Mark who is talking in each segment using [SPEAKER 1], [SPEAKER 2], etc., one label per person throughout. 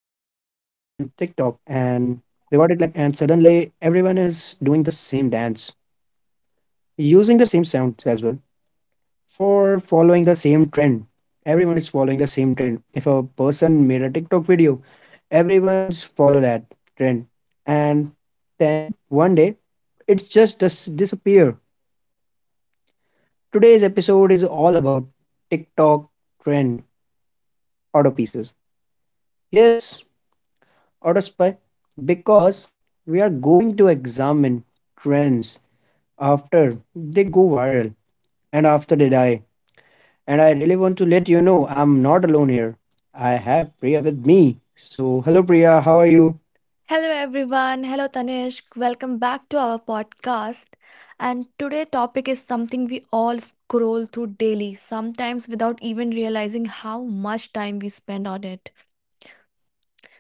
[SPEAKER 1] rewarded like, and suddenly everyone is doing the same dance, using the same sounds as well for following the same trend? Everyone is following the same trend. If a person made a TikTok video, everyone's follow that trend. And then one day, it's just disappear. Today's episode is all about TikTok trend auto pieces. Yes, auto spy, because we are going to examine trends after they go viral and after they die. And I really want to let you know I'm not alone here. I have Priya with me. So, hello Priya, how are you?
[SPEAKER 2] Hello everyone. Hello Tanishk. Welcome back to our podcast. And today topic is something we all scroll through daily, sometimes without even realizing how much time we spend on it.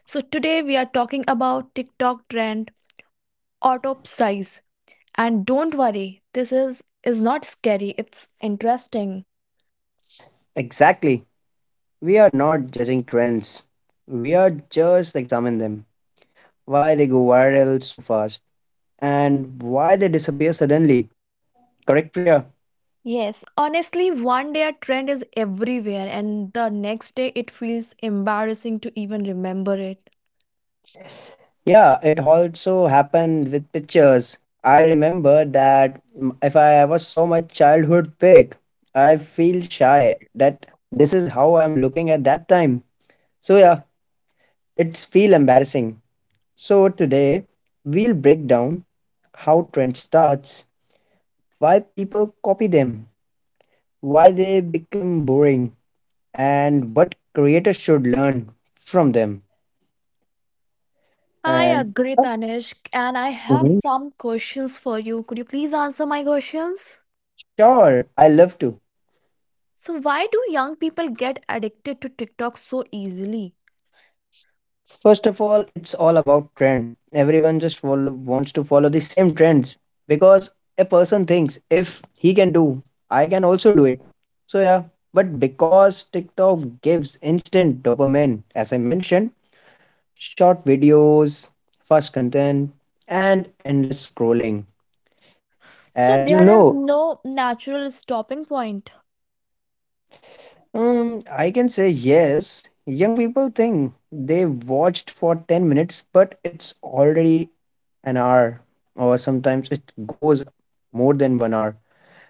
[SPEAKER 2] So today we are talking about TikTok trend auto. And don't worry, this is not scary. It's interesting.
[SPEAKER 1] Exactly. We are not judging trends. We are just examining them. Why they go viral so fast and why they disappear suddenly. Correct, Priya?
[SPEAKER 2] Yes, honestly, one day a trend is everywhere and the next day it feels embarrassing to even remember it.
[SPEAKER 1] Yeah, it also happened with pictures. I remember that if I was so much childhood pic, I feel shy that this is how I'm looking at that time. So yeah, it's feel embarrassing. So today we'll break down how trend starts, why people copy them, why they become boring, and what creators should learn from them.
[SPEAKER 2] I
[SPEAKER 1] And
[SPEAKER 2] agree, Tanishk, and I have
[SPEAKER 1] mhm,
[SPEAKER 2] some questions for you. Could you please answer my questions?
[SPEAKER 1] sure, I love to.
[SPEAKER 2] So, why do young people get addicted to TikTok so easily?
[SPEAKER 1] First of all, it's all about trend. Everyone just follow, wants to follow the same trends because a person thinks if he can do, I can also do it. So, yeah, but because TikTok gives instant dopamine, as I mentioned, short videos, fast content, and endless scrolling.
[SPEAKER 2] So,
[SPEAKER 1] As you
[SPEAKER 2] there is
[SPEAKER 1] know,
[SPEAKER 2] no natural stopping point.
[SPEAKER 1] I can say yes. Young people think they watched for 10 minutes, but it's already an hour, or sometimes it goes more than one hour.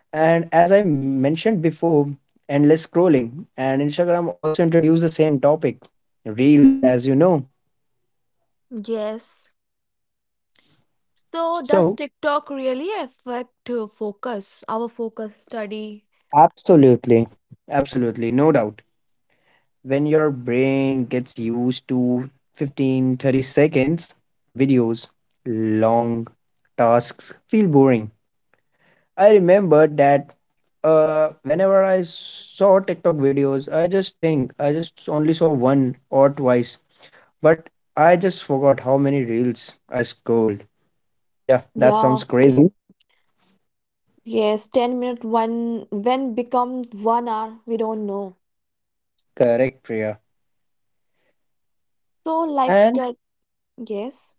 [SPEAKER 1] And as I mentioned before, endless scrolling and Instagram also introduced the same topic reels, as you know.
[SPEAKER 2] Yes. So, does
[SPEAKER 1] So,
[SPEAKER 2] TikTok really affect focus, our focus study?
[SPEAKER 1] absolutely. Absolutely, no doubt. When your brain gets used to 15, 30 seconds videos, long tasks feel boring. I remember that, whenever I saw TikTok videos, I just think I just only saw one or twice, but I just forgot how many reels I scrolled. Yeah, that sounds
[SPEAKER 2] Yeah,
[SPEAKER 1] crazy.
[SPEAKER 2] yes, 10 minutes, one, when become one hour, we don't know.
[SPEAKER 1] Correct, Priya?
[SPEAKER 2] So, like,
[SPEAKER 1] And
[SPEAKER 2] yes.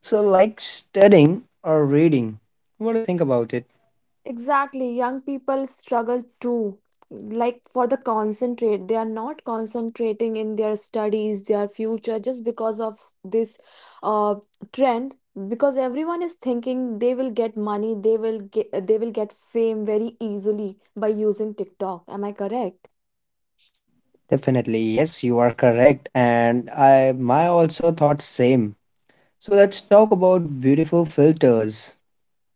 [SPEAKER 1] so, like studying or reading, what do you think about it?
[SPEAKER 2] Exactly, young people struggle too. Like for the concentrate, they are not concentrating in their studies, their future, just because of this uh, trend. Because everyone is thinking they will get money, they will get fame very easily by using TikTok. Am I correct?
[SPEAKER 1] Definitely, yes, you are correct, and I my also thought same. So let's talk about beautiful filters,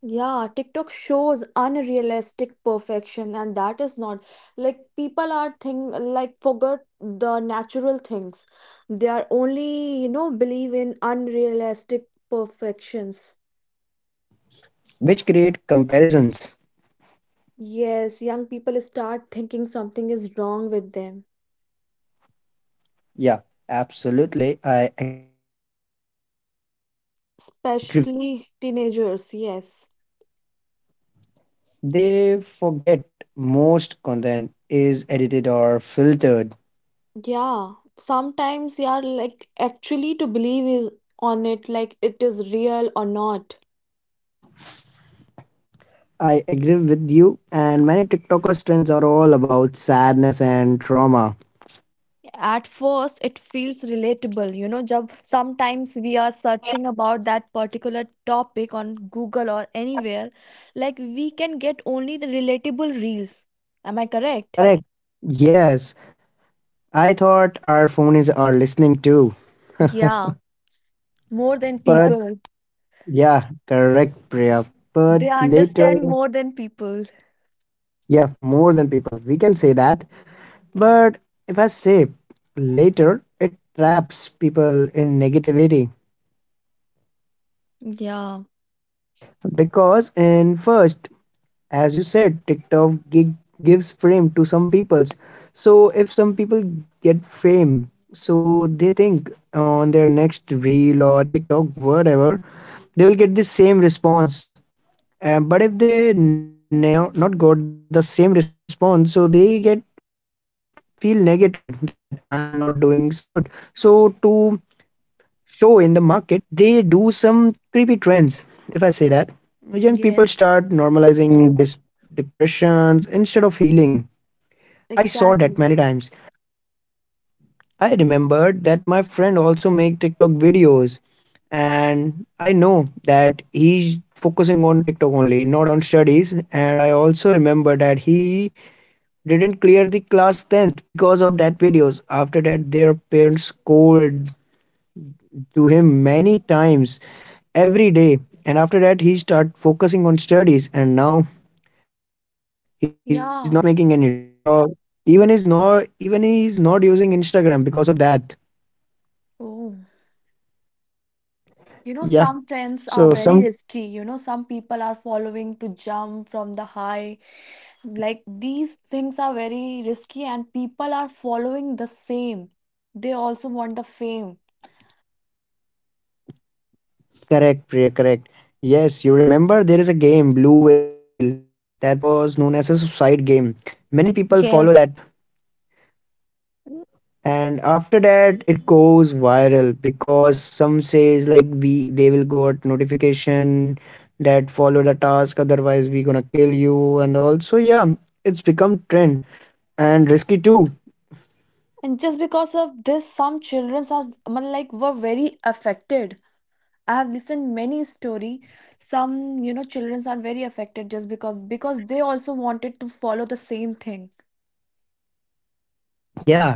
[SPEAKER 2] Yeah, TikTok shows unrealistic perfection, and that is not like people are think like forget the natural things. They are only, you know, believe in unrealistic perfections.
[SPEAKER 1] which create comparisons.
[SPEAKER 2] Yes, young people start thinking something is wrong with them,
[SPEAKER 1] Yeah, absolutely, I agree with you. Especially on teenagers,
[SPEAKER 2] especially teenagers. Yes.
[SPEAKER 1] they forget most content is edited or filtered.
[SPEAKER 2] Yeah, sometimes they are like actually to believe is on it like it is real or not.
[SPEAKER 1] I agree with you, and many TikTokers trends are all about sadness and trauma.
[SPEAKER 2] At first it feels relatable, you know, job sometimes we are searching about that particular topic on Google or anywhere like we can get only the relatable reels. Am I correct?
[SPEAKER 1] Correct. Yes, I thought our phone is our listening too.
[SPEAKER 2] Yeah, more than
[SPEAKER 1] But
[SPEAKER 2] people
[SPEAKER 1] yeah, correct, Priya. But
[SPEAKER 2] they
[SPEAKER 1] later,
[SPEAKER 2] understand, more than people.
[SPEAKER 1] yeah, more than people, we can say that. But if I say later, it traps people in negativity
[SPEAKER 2] Yeah,
[SPEAKER 1] because in first, as you said, TikTok gives fame to some peoples. So if some people get fame, so they think on their next reel or TikTok, whatever, they will get the same response. But if they no, not got the same response, so they get feel negative that I'm not doing some good. So to show in the market, they do some creepy trends. If I say that, young people start
[SPEAKER 2] yes,
[SPEAKER 1] normalizing depressions instead of healing. I saw that many times.
[SPEAKER 2] exactly.
[SPEAKER 1] I remembered that my friend also make TikTok videos and I know that he's focusing on TikTok only, not on studies. And I also remember that he didn't clear the class 10th because of that videos. After that, their parents scolded to him many times every day. And after that, he start focusing on studies. And now he's not making any reels or
[SPEAKER 2] Yeah,
[SPEAKER 1] TikTok. Even is not even he's not using Instagram because of that.
[SPEAKER 2] oh,
[SPEAKER 1] Yeah.
[SPEAKER 2] you know,
[SPEAKER 1] So
[SPEAKER 2] some
[SPEAKER 1] some
[SPEAKER 2] trends are very risky, you know, some people are following to jump from the high, like these things are very risky and people are following the same, they also want the fame.
[SPEAKER 1] Correct, Priya, correct. Yes, you remember there is a game, Blue Whale, that was known as a suicide game. Many people follow that.
[SPEAKER 2] Yes.
[SPEAKER 1] And after that, it goes viral because some says like we they will go at notification that follow the task, otherwise we gonna kill you. And also, yeah, it's become trend and risky too.
[SPEAKER 2] And just because of this some children are, I mean, like were very affected. I have listened many story, some, you know, children are very affected just because they also wanted to follow the same thing.
[SPEAKER 1] Yeah, as I mentioned,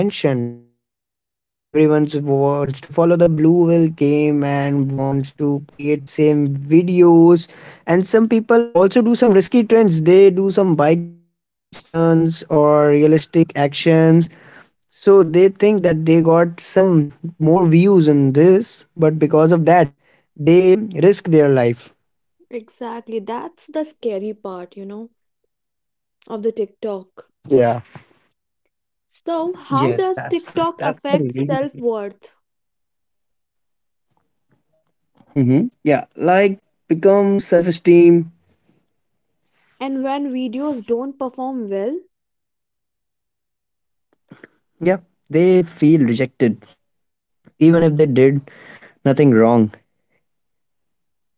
[SPEAKER 1] that everyone wants to follow the Blue Whale game and wants to create same videos, and some people also do some risky trends. They do some bike stunts or realistic actions, so they think that they got some more views in this, but because of that they risk their life.
[SPEAKER 2] Exactly. That's the scary part, you know, of
[SPEAKER 1] Yeah.
[SPEAKER 2] the TikTok.
[SPEAKER 1] Yes, that's
[SPEAKER 2] So,
[SPEAKER 1] the
[SPEAKER 2] how
[SPEAKER 1] that's
[SPEAKER 2] does
[SPEAKER 1] the really
[SPEAKER 2] TikTok affect self worth?
[SPEAKER 1] mm-hmm. Yeah. Like become self esteem.
[SPEAKER 2] And when videos don't perform well,
[SPEAKER 1] Yeah, they feel rejected even if they did nothing wrong.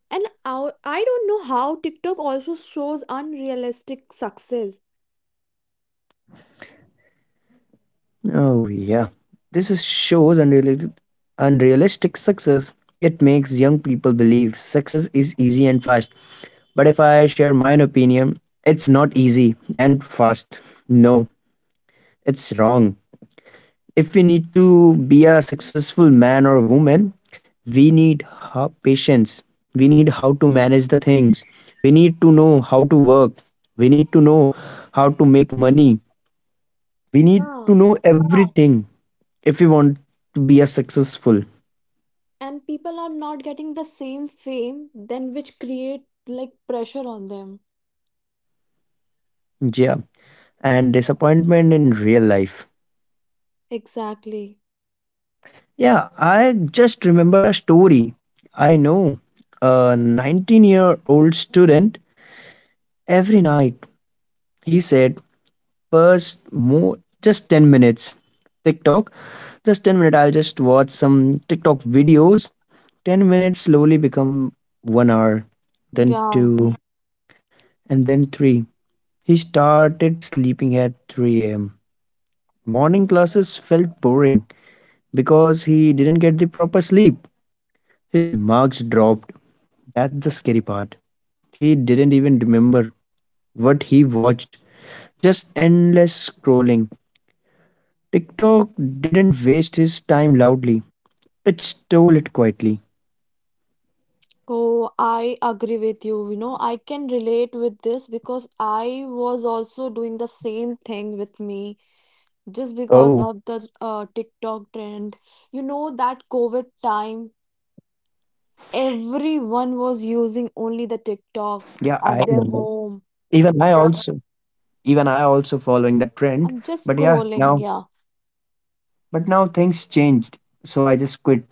[SPEAKER 2] and our, I don't know, how TikTok also shows unrealistic success.
[SPEAKER 1] Oh, yeah. This is shows unrealistic success. It makes young people believe success is easy and fast. But if I share my opinion, it's not easy and fast. No, it's wrong. If we need to be a successful man or woman, we need patience. We need how to manage the things. We need to know how to work. We need to know how to make money. We need to
[SPEAKER 2] Yeah.
[SPEAKER 1] know everything if you want to be a successful.
[SPEAKER 2] And people are not getting the same fame, then which create like pressure on them.
[SPEAKER 1] Yeah, and disappointment in real life.
[SPEAKER 2] Exactly.
[SPEAKER 1] Yeah, I just remembered a story. I know a 19-year-old student. Every night he said, first more just 10 minutes TikTok, just 10 minutes. I'll just watch some TikTok videos. 10 minutes slowly become 1 hour, then
[SPEAKER 2] Yeah.
[SPEAKER 1] 2, and then 3. He started sleeping at 3 a.m. Morning classes felt boring because he didn't get the proper sleep. His marks dropped. That's the scary part. He didn't even remember what he watched. Just endless scrolling. TikTok didn't waste his time loudly. It stole it quietly.
[SPEAKER 2] Oh, I agree with you. You know, I can relate with this because I was also doing the same thing with me just because
[SPEAKER 1] Oh,
[SPEAKER 2] of the TikTok trend. You know, that COVID time
[SPEAKER 1] yeah, I
[SPEAKER 2] everyone
[SPEAKER 1] remember.
[SPEAKER 2] was using only the TikTok at their
[SPEAKER 1] Even I
[SPEAKER 2] home.
[SPEAKER 1] also even I also following that trend.
[SPEAKER 2] I'm
[SPEAKER 1] But
[SPEAKER 2] just
[SPEAKER 1] yeah, now
[SPEAKER 2] scrolling. Yeah.
[SPEAKER 1] but now things changed. So I just quit.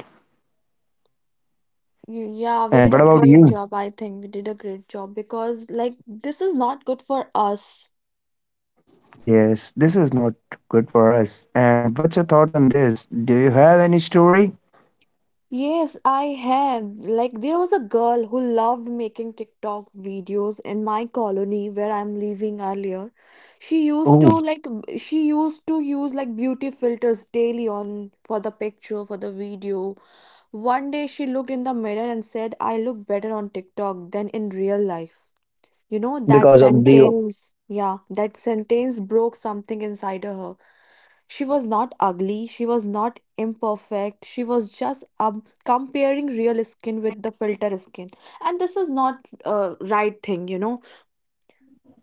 [SPEAKER 2] Yeah, we
[SPEAKER 1] And what
[SPEAKER 2] did a
[SPEAKER 1] about
[SPEAKER 2] great
[SPEAKER 1] you?
[SPEAKER 2] job. I think we did a great job because, like, this is not good for us.
[SPEAKER 1] Yes, this is not good for us. And what's your thought on this? Do you have any story?
[SPEAKER 2] Yes, I have. Like, there was a girl who loved making TikTok videos in my colony where I'm living earlier. She used
[SPEAKER 1] Oh,
[SPEAKER 2] to like she used to use like beauty filters daily on for the picture, for the video. One day she looked in the mirror and said, I look better on TikTok than in real life. You know, that
[SPEAKER 1] because of the
[SPEAKER 2] sentence, yeah, that sentence broke something inside of her. She was not ugly, she was not imperfect, she was just comparing real skin with the filter skin. And this is not a right thing, you know.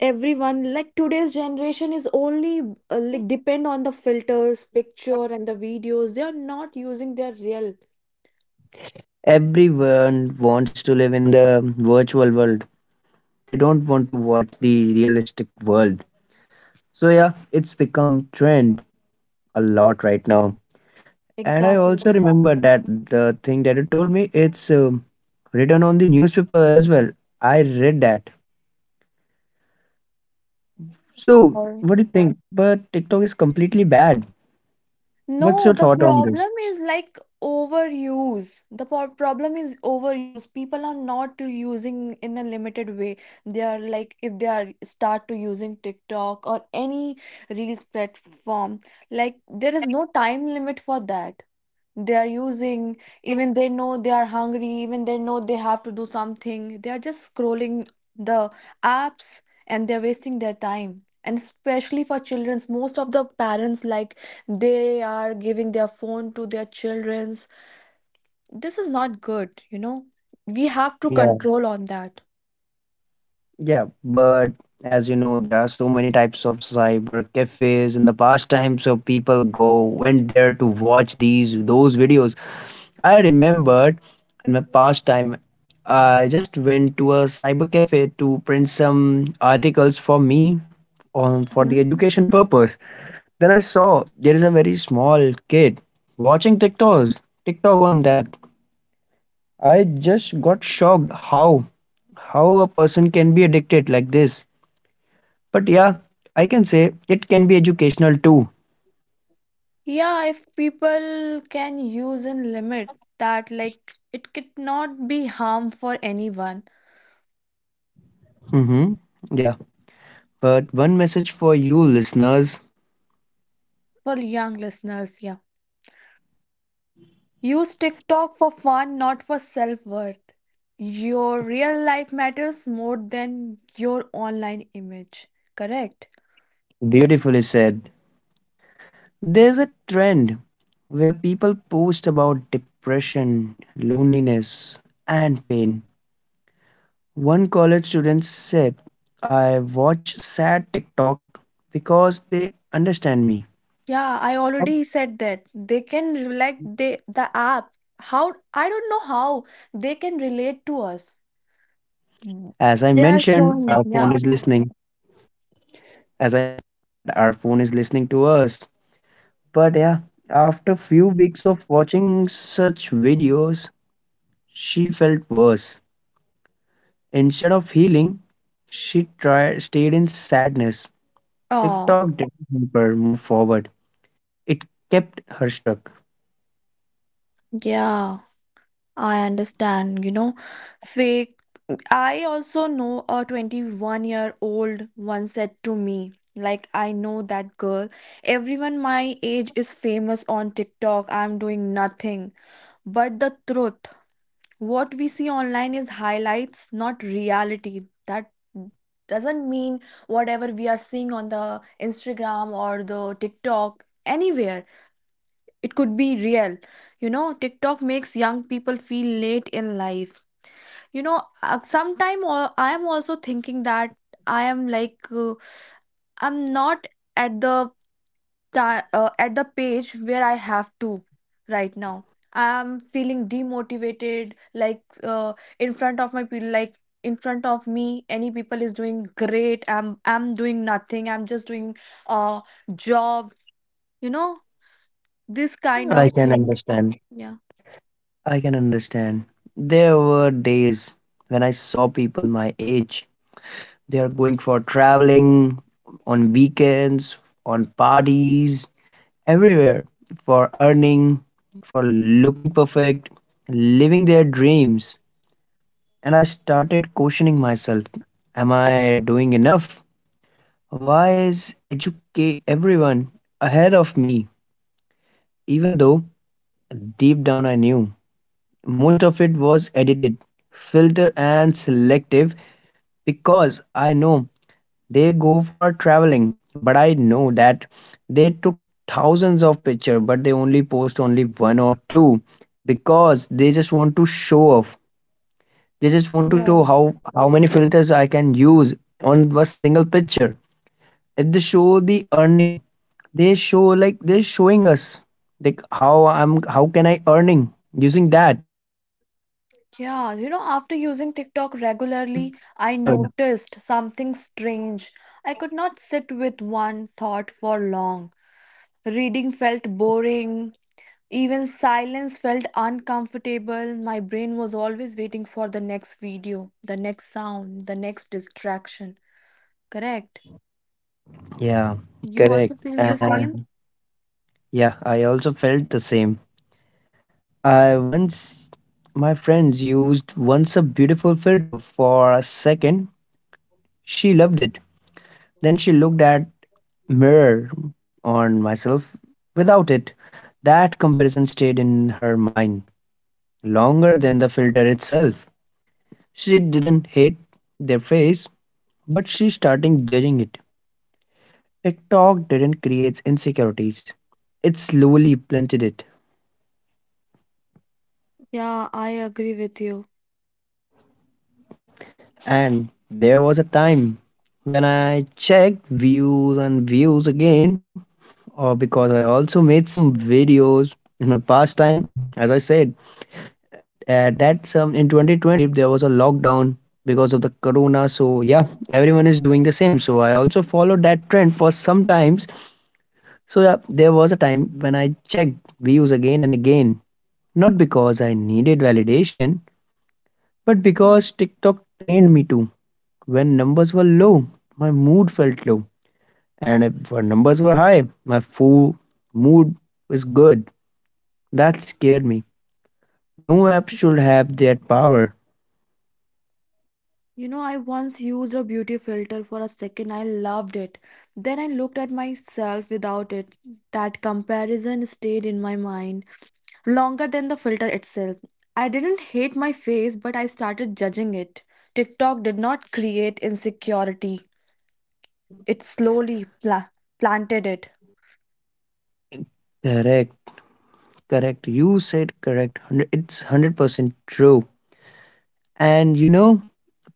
[SPEAKER 2] Everyone, like today's generation is only like depend on the filters, picture and the videos. They are not using their real.
[SPEAKER 1] everyone wants to live in the virtual world. They don't want to watch the realistic world. So yeah, it's become trend a lot right now. And I
[SPEAKER 2] Exactly.
[SPEAKER 1] also remember that the thing that you told me, it's written on the newspaper as well. I read that. So
[SPEAKER 2] Or.
[SPEAKER 1] what do you think? But TikTok is completely bad. What's
[SPEAKER 2] No,
[SPEAKER 1] your
[SPEAKER 2] the
[SPEAKER 1] thought on this?
[SPEAKER 2] problem is like overuse. The problem is overuse. People are not using in a limited way. They are like if they are start to using TikTok or any reels platform, like there is no time limit for that, they are using, even they know they are hungry, even they know they have to do something, they are just scrolling the apps and they're wasting their time. And especially for children's, most of the parents like they are giving their phone to their children's, this is not good, you know, we have to
[SPEAKER 1] Yeah.
[SPEAKER 2] control on that.
[SPEAKER 1] Yeah, but as you know, there are so many types of cyber cafes. In the past time, so people go went there to watch these those videos. I remembered in my past time, I just went to a cyber cafe to print some articles for me on for the
[SPEAKER 2] Mhm.
[SPEAKER 1] education purpose. Then I saw there is a very small kid watching TikTok on that. I just got shocked how a person can be addicted like this, but yeah, I can say it can be educational too.
[SPEAKER 2] Yeah, if people can use in limit that like it could not be harm for anyone,
[SPEAKER 1] Mm-hmm. Yeah. But one message for you listeners.
[SPEAKER 2] for young listeners. Yeah. Use TikTok for fun, not for self worth. Your real life matters more than your online image. Correct?
[SPEAKER 1] Beautifully said. There's a trend where people post about depression, loneliness, and pain. One college student said, I watch sad TikTok because they understand me.
[SPEAKER 2] Yeah, I already said that. They can like they the app. How, I don't know how they can relate to us. Mm.
[SPEAKER 1] As I
[SPEAKER 2] They are
[SPEAKER 1] mentioned,
[SPEAKER 2] showing.
[SPEAKER 1] our
[SPEAKER 2] Yeah.
[SPEAKER 1] phone is listening. As I our phone is listening to us. But yeah, after few weeks of watching such videos, she felt worse. Instead of healing, she tried stayed in sadness.
[SPEAKER 2] Oh,
[SPEAKER 1] TikTok didn't help her move forward. It kept her stuck.
[SPEAKER 2] yeah. I understand. You know, fake, I also know a 21-year-old once said to me, like, I know that girl. Everyone my age is famous on TikTok. I'm doing nothing. But the truth, what we see online is highlights, not reality. That doesn't mean whatever we are seeing on the Instagram or the TikTok, anywhere, it could be real. You know, TikTok makes young people feel late in life, you know, sometime I am also thinking that I am like I'm not at the at the page where I have to right now. I'm feeling demotivated, like uh, in front of my people, like in front of me any people is doing great, I'm doing nothing, I'm just doing a job, you know, s- this kind of
[SPEAKER 1] I can
[SPEAKER 2] thing.
[SPEAKER 1] understand.
[SPEAKER 2] Yeah.
[SPEAKER 1] I can understand. There were days when I saw people my age. They are going for traveling on weekends, on parties, everywhere for earning, for looking perfect, living their dreams. And I started questioning myself. Am I doing enough? Why is educate everyone ahead of me? Even though deep down I knew most of it was edited, filtered, and selective, because I know they go for traveling, but I know that they took thousands of pictures, but they only post only one or two because they just want to show off. They just want to show
[SPEAKER 2] Yeah,
[SPEAKER 1] how many filters I can use on a single picture. If they show the earning. They show like they're showing us like how can I earning using that. They're looking perfect
[SPEAKER 2] Yeah, you know,
[SPEAKER 1] because they
[SPEAKER 2] after
[SPEAKER 1] use
[SPEAKER 2] using
[SPEAKER 1] it
[SPEAKER 2] TikTok
[SPEAKER 1] the
[SPEAKER 2] regularly, I
[SPEAKER 1] filtered.
[SPEAKER 2] noticed something strange. I could not sit with one thought for long. Reading felt boring, even silence felt uncomfortable. My brain was always waiting for the next video, the next sound, the next distraction. Correct?
[SPEAKER 1] Yeah,
[SPEAKER 2] You also
[SPEAKER 1] correct.
[SPEAKER 2] feel the
[SPEAKER 1] And
[SPEAKER 2] same?
[SPEAKER 1] yeah, I also felt the same. I once, my friends used once a beautiful filter for a second. She loved it. Then she looked at mirror on myself without it. That comparison stayed in her mind longer than the filter itself. She didn't hate their face, but she started judging it. TikTok didn't create insecurities. It slowly planted it.
[SPEAKER 2] Yeah, I agree with you.
[SPEAKER 1] And there was a time when I checked views and views again, or because I also made some videos in my past time. As I said, at that some in 2020 there was a lockdown because of the corona. So yeah, everyone is doing the same. So I also followed that trend for some times. So yeah, there was a time when I checked views again and again, not because I needed validation, but because TikTok trained me to. When numbers were low, my mood felt low. And if when numbers were high, my full mood was good. That scared me. No app should have that power.
[SPEAKER 2] You know, I once used a beauty filter for a second. I loved it. Then I looked at myself without it. That comparison stayed in my mind longer than the filter itself. I didn't hate my face, but I started judging it. TikTok did not create insecurity, it slowly planted it.
[SPEAKER 1] Correct, correct. You said correct. It's 100% true. And you know,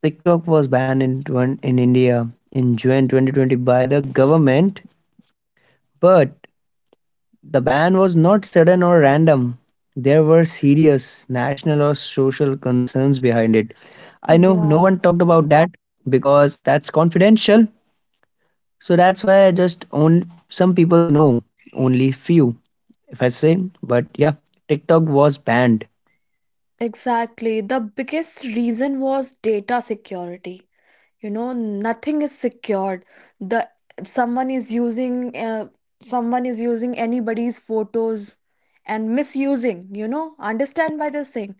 [SPEAKER 1] TikTok was banned in India in June 2020 by the government, but the ban was not sudden or random. There were serious national or social concerns behind it. I know no
[SPEAKER 2] Yeah,
[SPEAKER 1] one talked about that because that's confidential. So that's why just on some people know, only few, if I say. But yeah, TikTok was banned.
[SPEAKER 2] exactly. The biggest reason was data security. You know, nothing is secured, the someone is using anybody's photos and misusing, you know, understand by this thing.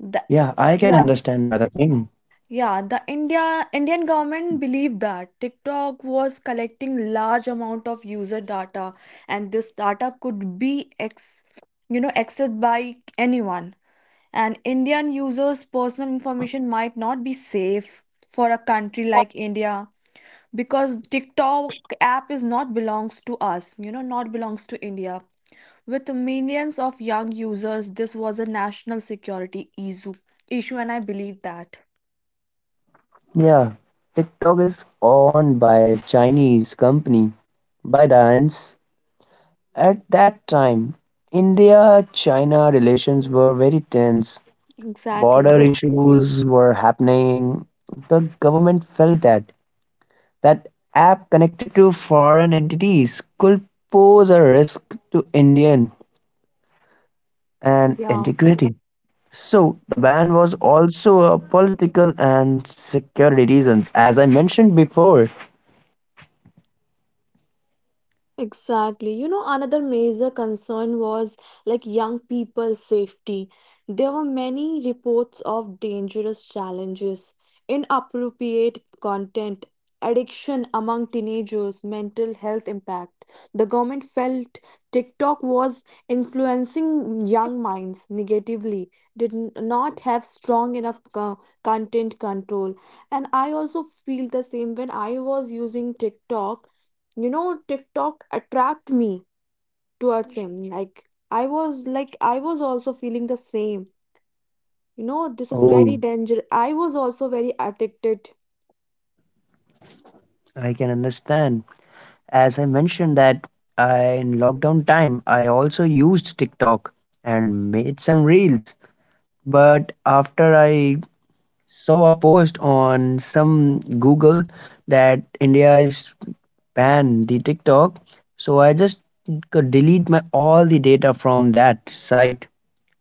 [SPEAKER 2] The
[SPEAKER 1] Yeah, I can
[SPEAKER 2] yeah,
[SPEAKER 1] understand by the thing.
[SPEAKER 2] yeah, the Indian government believed that TikTok was collecting large amount of user data and this data could be ex, you know, accessed by anyone and Indian users personal information might not be safe for a country like India because TikTok app is not belongs to us, you know, not belongs to India. With millions of young users, this was a national security issue. Issue, and I believe that.
[SPEAKER 1] Yeah, TikTok is owned by Chinese company ByteDance. At that time, India China relations were very tense. Border
[SPEAKER 2] Exactly.
[SPEAKER 1] issues were happening. The government felt that that app connected to foreign entities could pose a risk to Indian and
[SPEAKER 2] Yeah.
[SPEAKER 1] integrity. So the ban was also a political and security reasons, as I mentioned before.
[SPEAKER 2] Exactly. You know, another major concern was like young people's safety. There were many reports of dangerous challenges, inappropriate content, addiction among teenagers, mental health impact. The government felt TikTok was influencing young minds negatively, did not have strong enough content control. And I also feel the same when I was using TikTok, you know, TikTok attract me towards him, like I was like I was also feeling the same, you know, this is very
[SPEAKER 1] Oh,
[SPEAKER 2] dangerous, I was also very addicted.
[SPEAKER 1] I can understand. As I mentioned that I, in lockdown time, I also used TikTok and made some reels. But after I saw a post on some Google that India is banned the TikTok, so I just could delete my all the data from that site.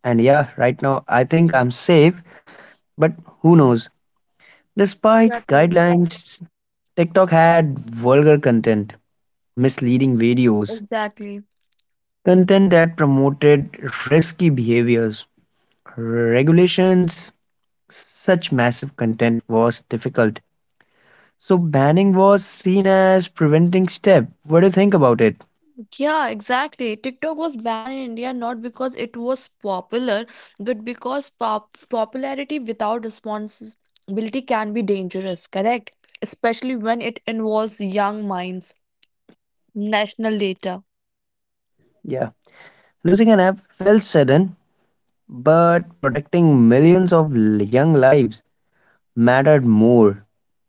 [SPEAKER 1] And yeah, right now I think I'm safe, but who knows? Despite
[SPEAKER 2] Exactly.
[SPEAKER 1] guidelines, TikTok had vulgar content, misleading videos,
[SPEAKER 2] Exactly.
[SPEAKER 1] content that promoted risky behaviors, regulations, such massive content was difficult. So banning was seen as preventing step. What do you think about it?
[SPEAKER 2] Yeah, exactly. TikTok was banned in India not because it was popular, but because popularity without responsibility can be dangerous, correct? Especially when it involves young minds, national data.
[SPEAKER 1] Yeah. Losing an app felt sudden, but protecting millions of young lives mattered more.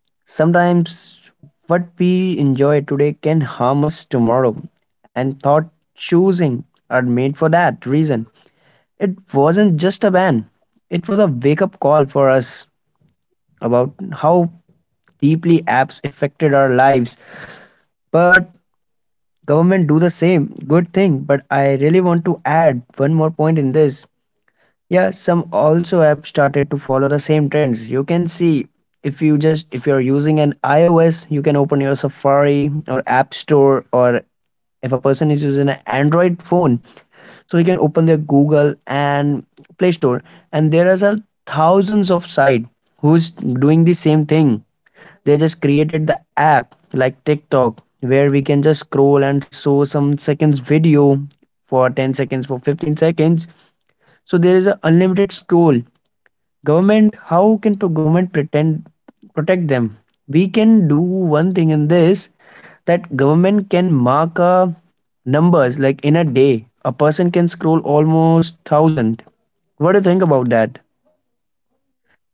[SPEAKER 1] Sometimes what we enjoy today can harm us tomorrow, and thought choosing are made for that reason. It wasn't just a ban, it was a wake up call for us about how deeply apps affected our lives. But government do the same. Good thing, but I really want to add one more point in this. Yeah, some also have started to follow the same trends. You can see if you're using an iOS, you can open your Safari or App Store, or if a person is using an Android phone, so he can open their Google and Play Store, and there is a thousands of site who's doing the same thing. They just created the app like TikTok where we can just scroll and show some seconds video for 10 seconds, for 15 seconds, so there is a unlimited scroll. Government, how can government pretend protect them? We can do one thing in this that government can mark a numbers, like in a day a person can scroll almost 1000. What do you think about that?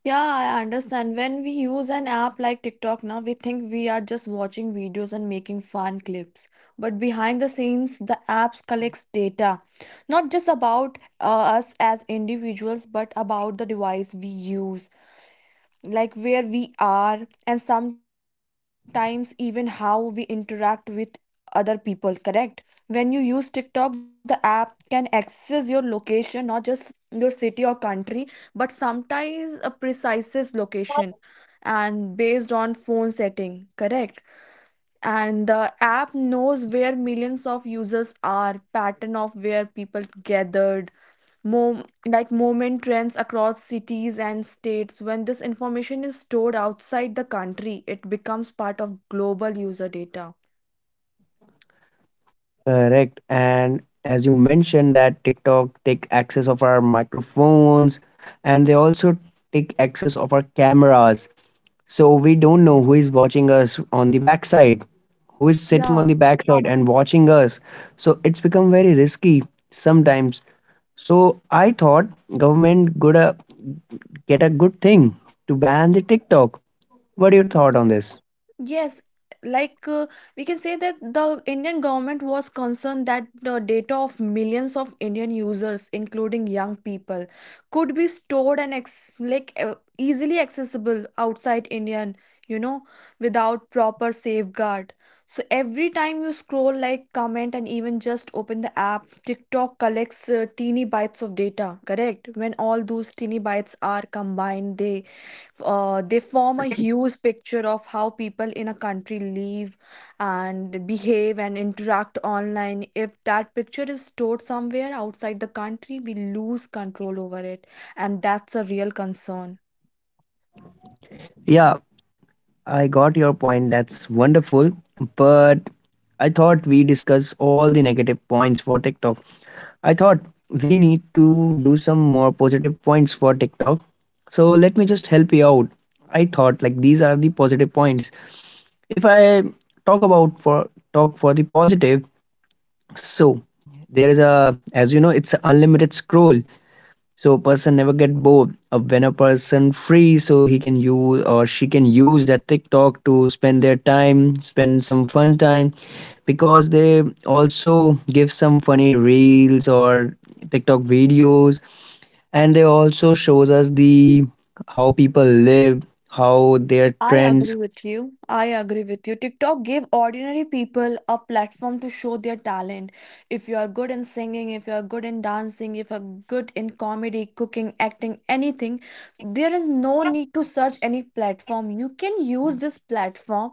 [SPEAKER 2] Yeah, I understand. When we use an app like TikTok now, we think we are just watching videos and making fun clips. But behind the scenes, the apps collects data, not just about us as individuals, but about the device we use, like where we are, and sometimes even how we interact with other people. Correct? When you use TikTok, the app can access your location, not just your city or country, but sometimes a precise location and based on phone setting. Correct? And the app knows where millions of users are, pattern of where people gathered, like moment trends across cities and states. When this information is stored outside the country, it becomes part of global user data.
[SPEAKER 1] Correct. And as you mentioned that TikTok take access of our microphones and they also take access of our cameras. So we don't know who is watching us on the backside, who is sitting on the backside
[SPEAKER 2] Yeah.
[SPEAKER 1] and watching us. So it's become very risky sometimes. So I thought government could get a good thing to ban the TikTok. What are your thought on this?
[SPEAKER 2] Yes, like we can say that the Indian government was concerned that the data of millions of Indian users, including young people, could be stored and ex, like easily accessible outside Indian, you know, without proper safeguard. So every time you scroll, like, comment, and even just open the app, TikTok collects teeny bytes of data, correct? When all those teeny bytes are combined, they form a huge picture of how people in a country live and behave and interact online. If that picture is stored somewhere outside the country, we lose control over it, and that's a real concern.
[SPEAKER 1] Yeah, I got your point. That's wonderful. But I thought we discuss all the negative points for TikTok. I thought we need to do some more positive points for TikTok. So let me just help you out. I thought like these are the positive points. If I talk about for talk for the positive, so there is a, as you know, it's an unlimited scroll, so person never get bored. When a person free, so he can use or she can use that TikTok to spend their time, spend some fun time, because they also give some funny reels or TikTok videos and they also shows us the how people live, how their trends.
[SPEAKER 2] I agree with you. I agree with you. TikTok gave ordinary people a platform to show their talent. If you are good in singing, if you are good in dancing, if you are good in comedy, cooking, acting, anything, there is no need to search any platform. You can use this platform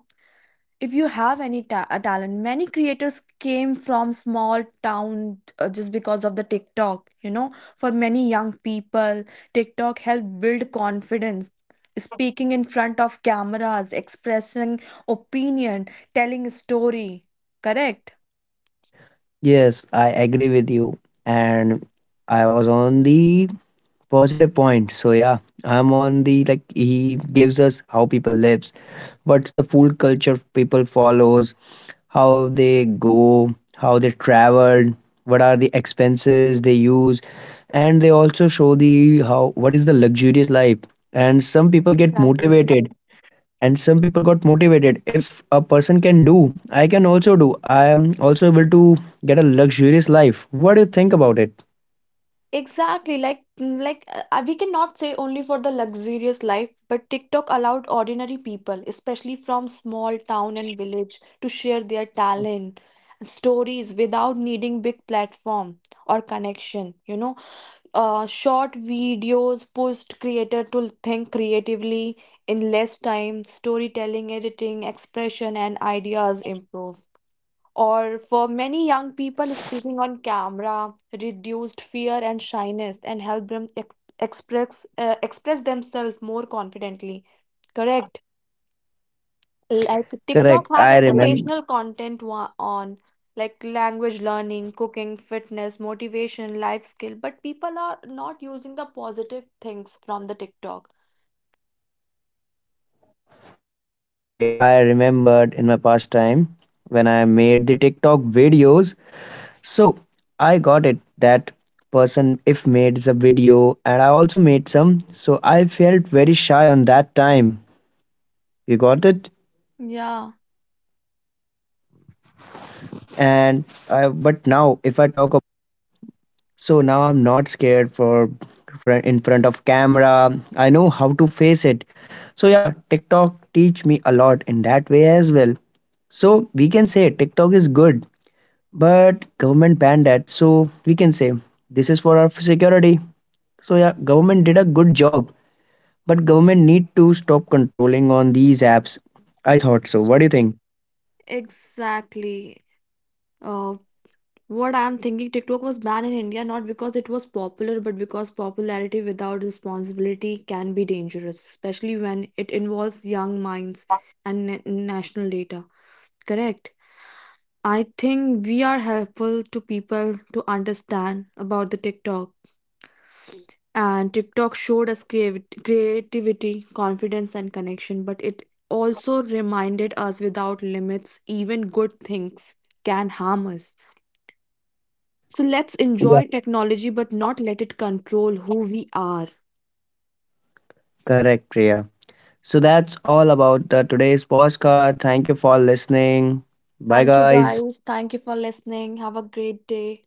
[SPEAKER 2] if you have any a talent, many creators came from small town just because of the TikTok. You know, for many young people, TikTok helped build confidence. Speaking in front of cameras, expressing opinion, telling a story. Correct.
[SPEAKER 1] Yes, I agree with you. And I was on the positive point. So yeah, I'm on the like he gives us how people lives, what's the food culture people follows, how they go, how they travel, what are the expenses they use, and they also show the how what is the luxurious life. And some people get motivated, and some people got motivated. If a person can do, I can also do. I am also able to get a luxurious life. What do you think about it?
[SPEAKER 2] Exactly, like we cannot say only for the luxurious life, but TikTok allowed ordinary people, especially from small town and village, to share their talent, stories without needing big platform or connection. You know, short videos pushed creator to think creatively in less time. Storytelling, editing, expression, and ideas improve. Or for many young people, speaking on camera reduced fear and shyness and helped them express express themselves more confidently. Correct.
[SPEAKER 1] Correct. I remember.
[SPEAKER 2] Like TikTok had educational content on like language learning, cooking, fitness, motivation, life skill, but people are not using the positive things from the TikTok.
[SPEAKER 1] Correct, Priya. I remembered in my past time when I made the TikTok videos. So I got it that person if made the video, and I also made some, so I felt very shy on that time. You got it?
[SPEAKER 2] Yeah,
[SPEAKER 1] And I, but now if I talk about, so now I'm not scared for in front of camera. I know how to face it. So yeah, TikTok teach me a lot in that way as well. So we can say TikTok is good, but government banned that, so we can say this is for our security. So yeah, government did a good job. But government need to stop controlling on these apps. I thought so. What do you think?
[SPEAKER 2] Ex- Exactly. Uh, What I'm thinking, TikTok was banned in India not because it was popular, but because popularity without responsibility can be dangerous, especially when it involves young minds and national data. Correct. I think we are helpful to people to understand about the TikTok. And TikTok showed us creativity, confidence, and connection, but it also reminded us without limits, even good things can harm us.
[SPEAKER 1] Yeah.
[SPEAKER 2] So let's enjoy technology but not let it control who we are.
[SPEAKER 1] Correct, Priya. So that's all about the today's podcast. Thank you for listening. Bye, guys.
[SPEAKER 2] Thank you guys. Thank you for listening. Have a great day.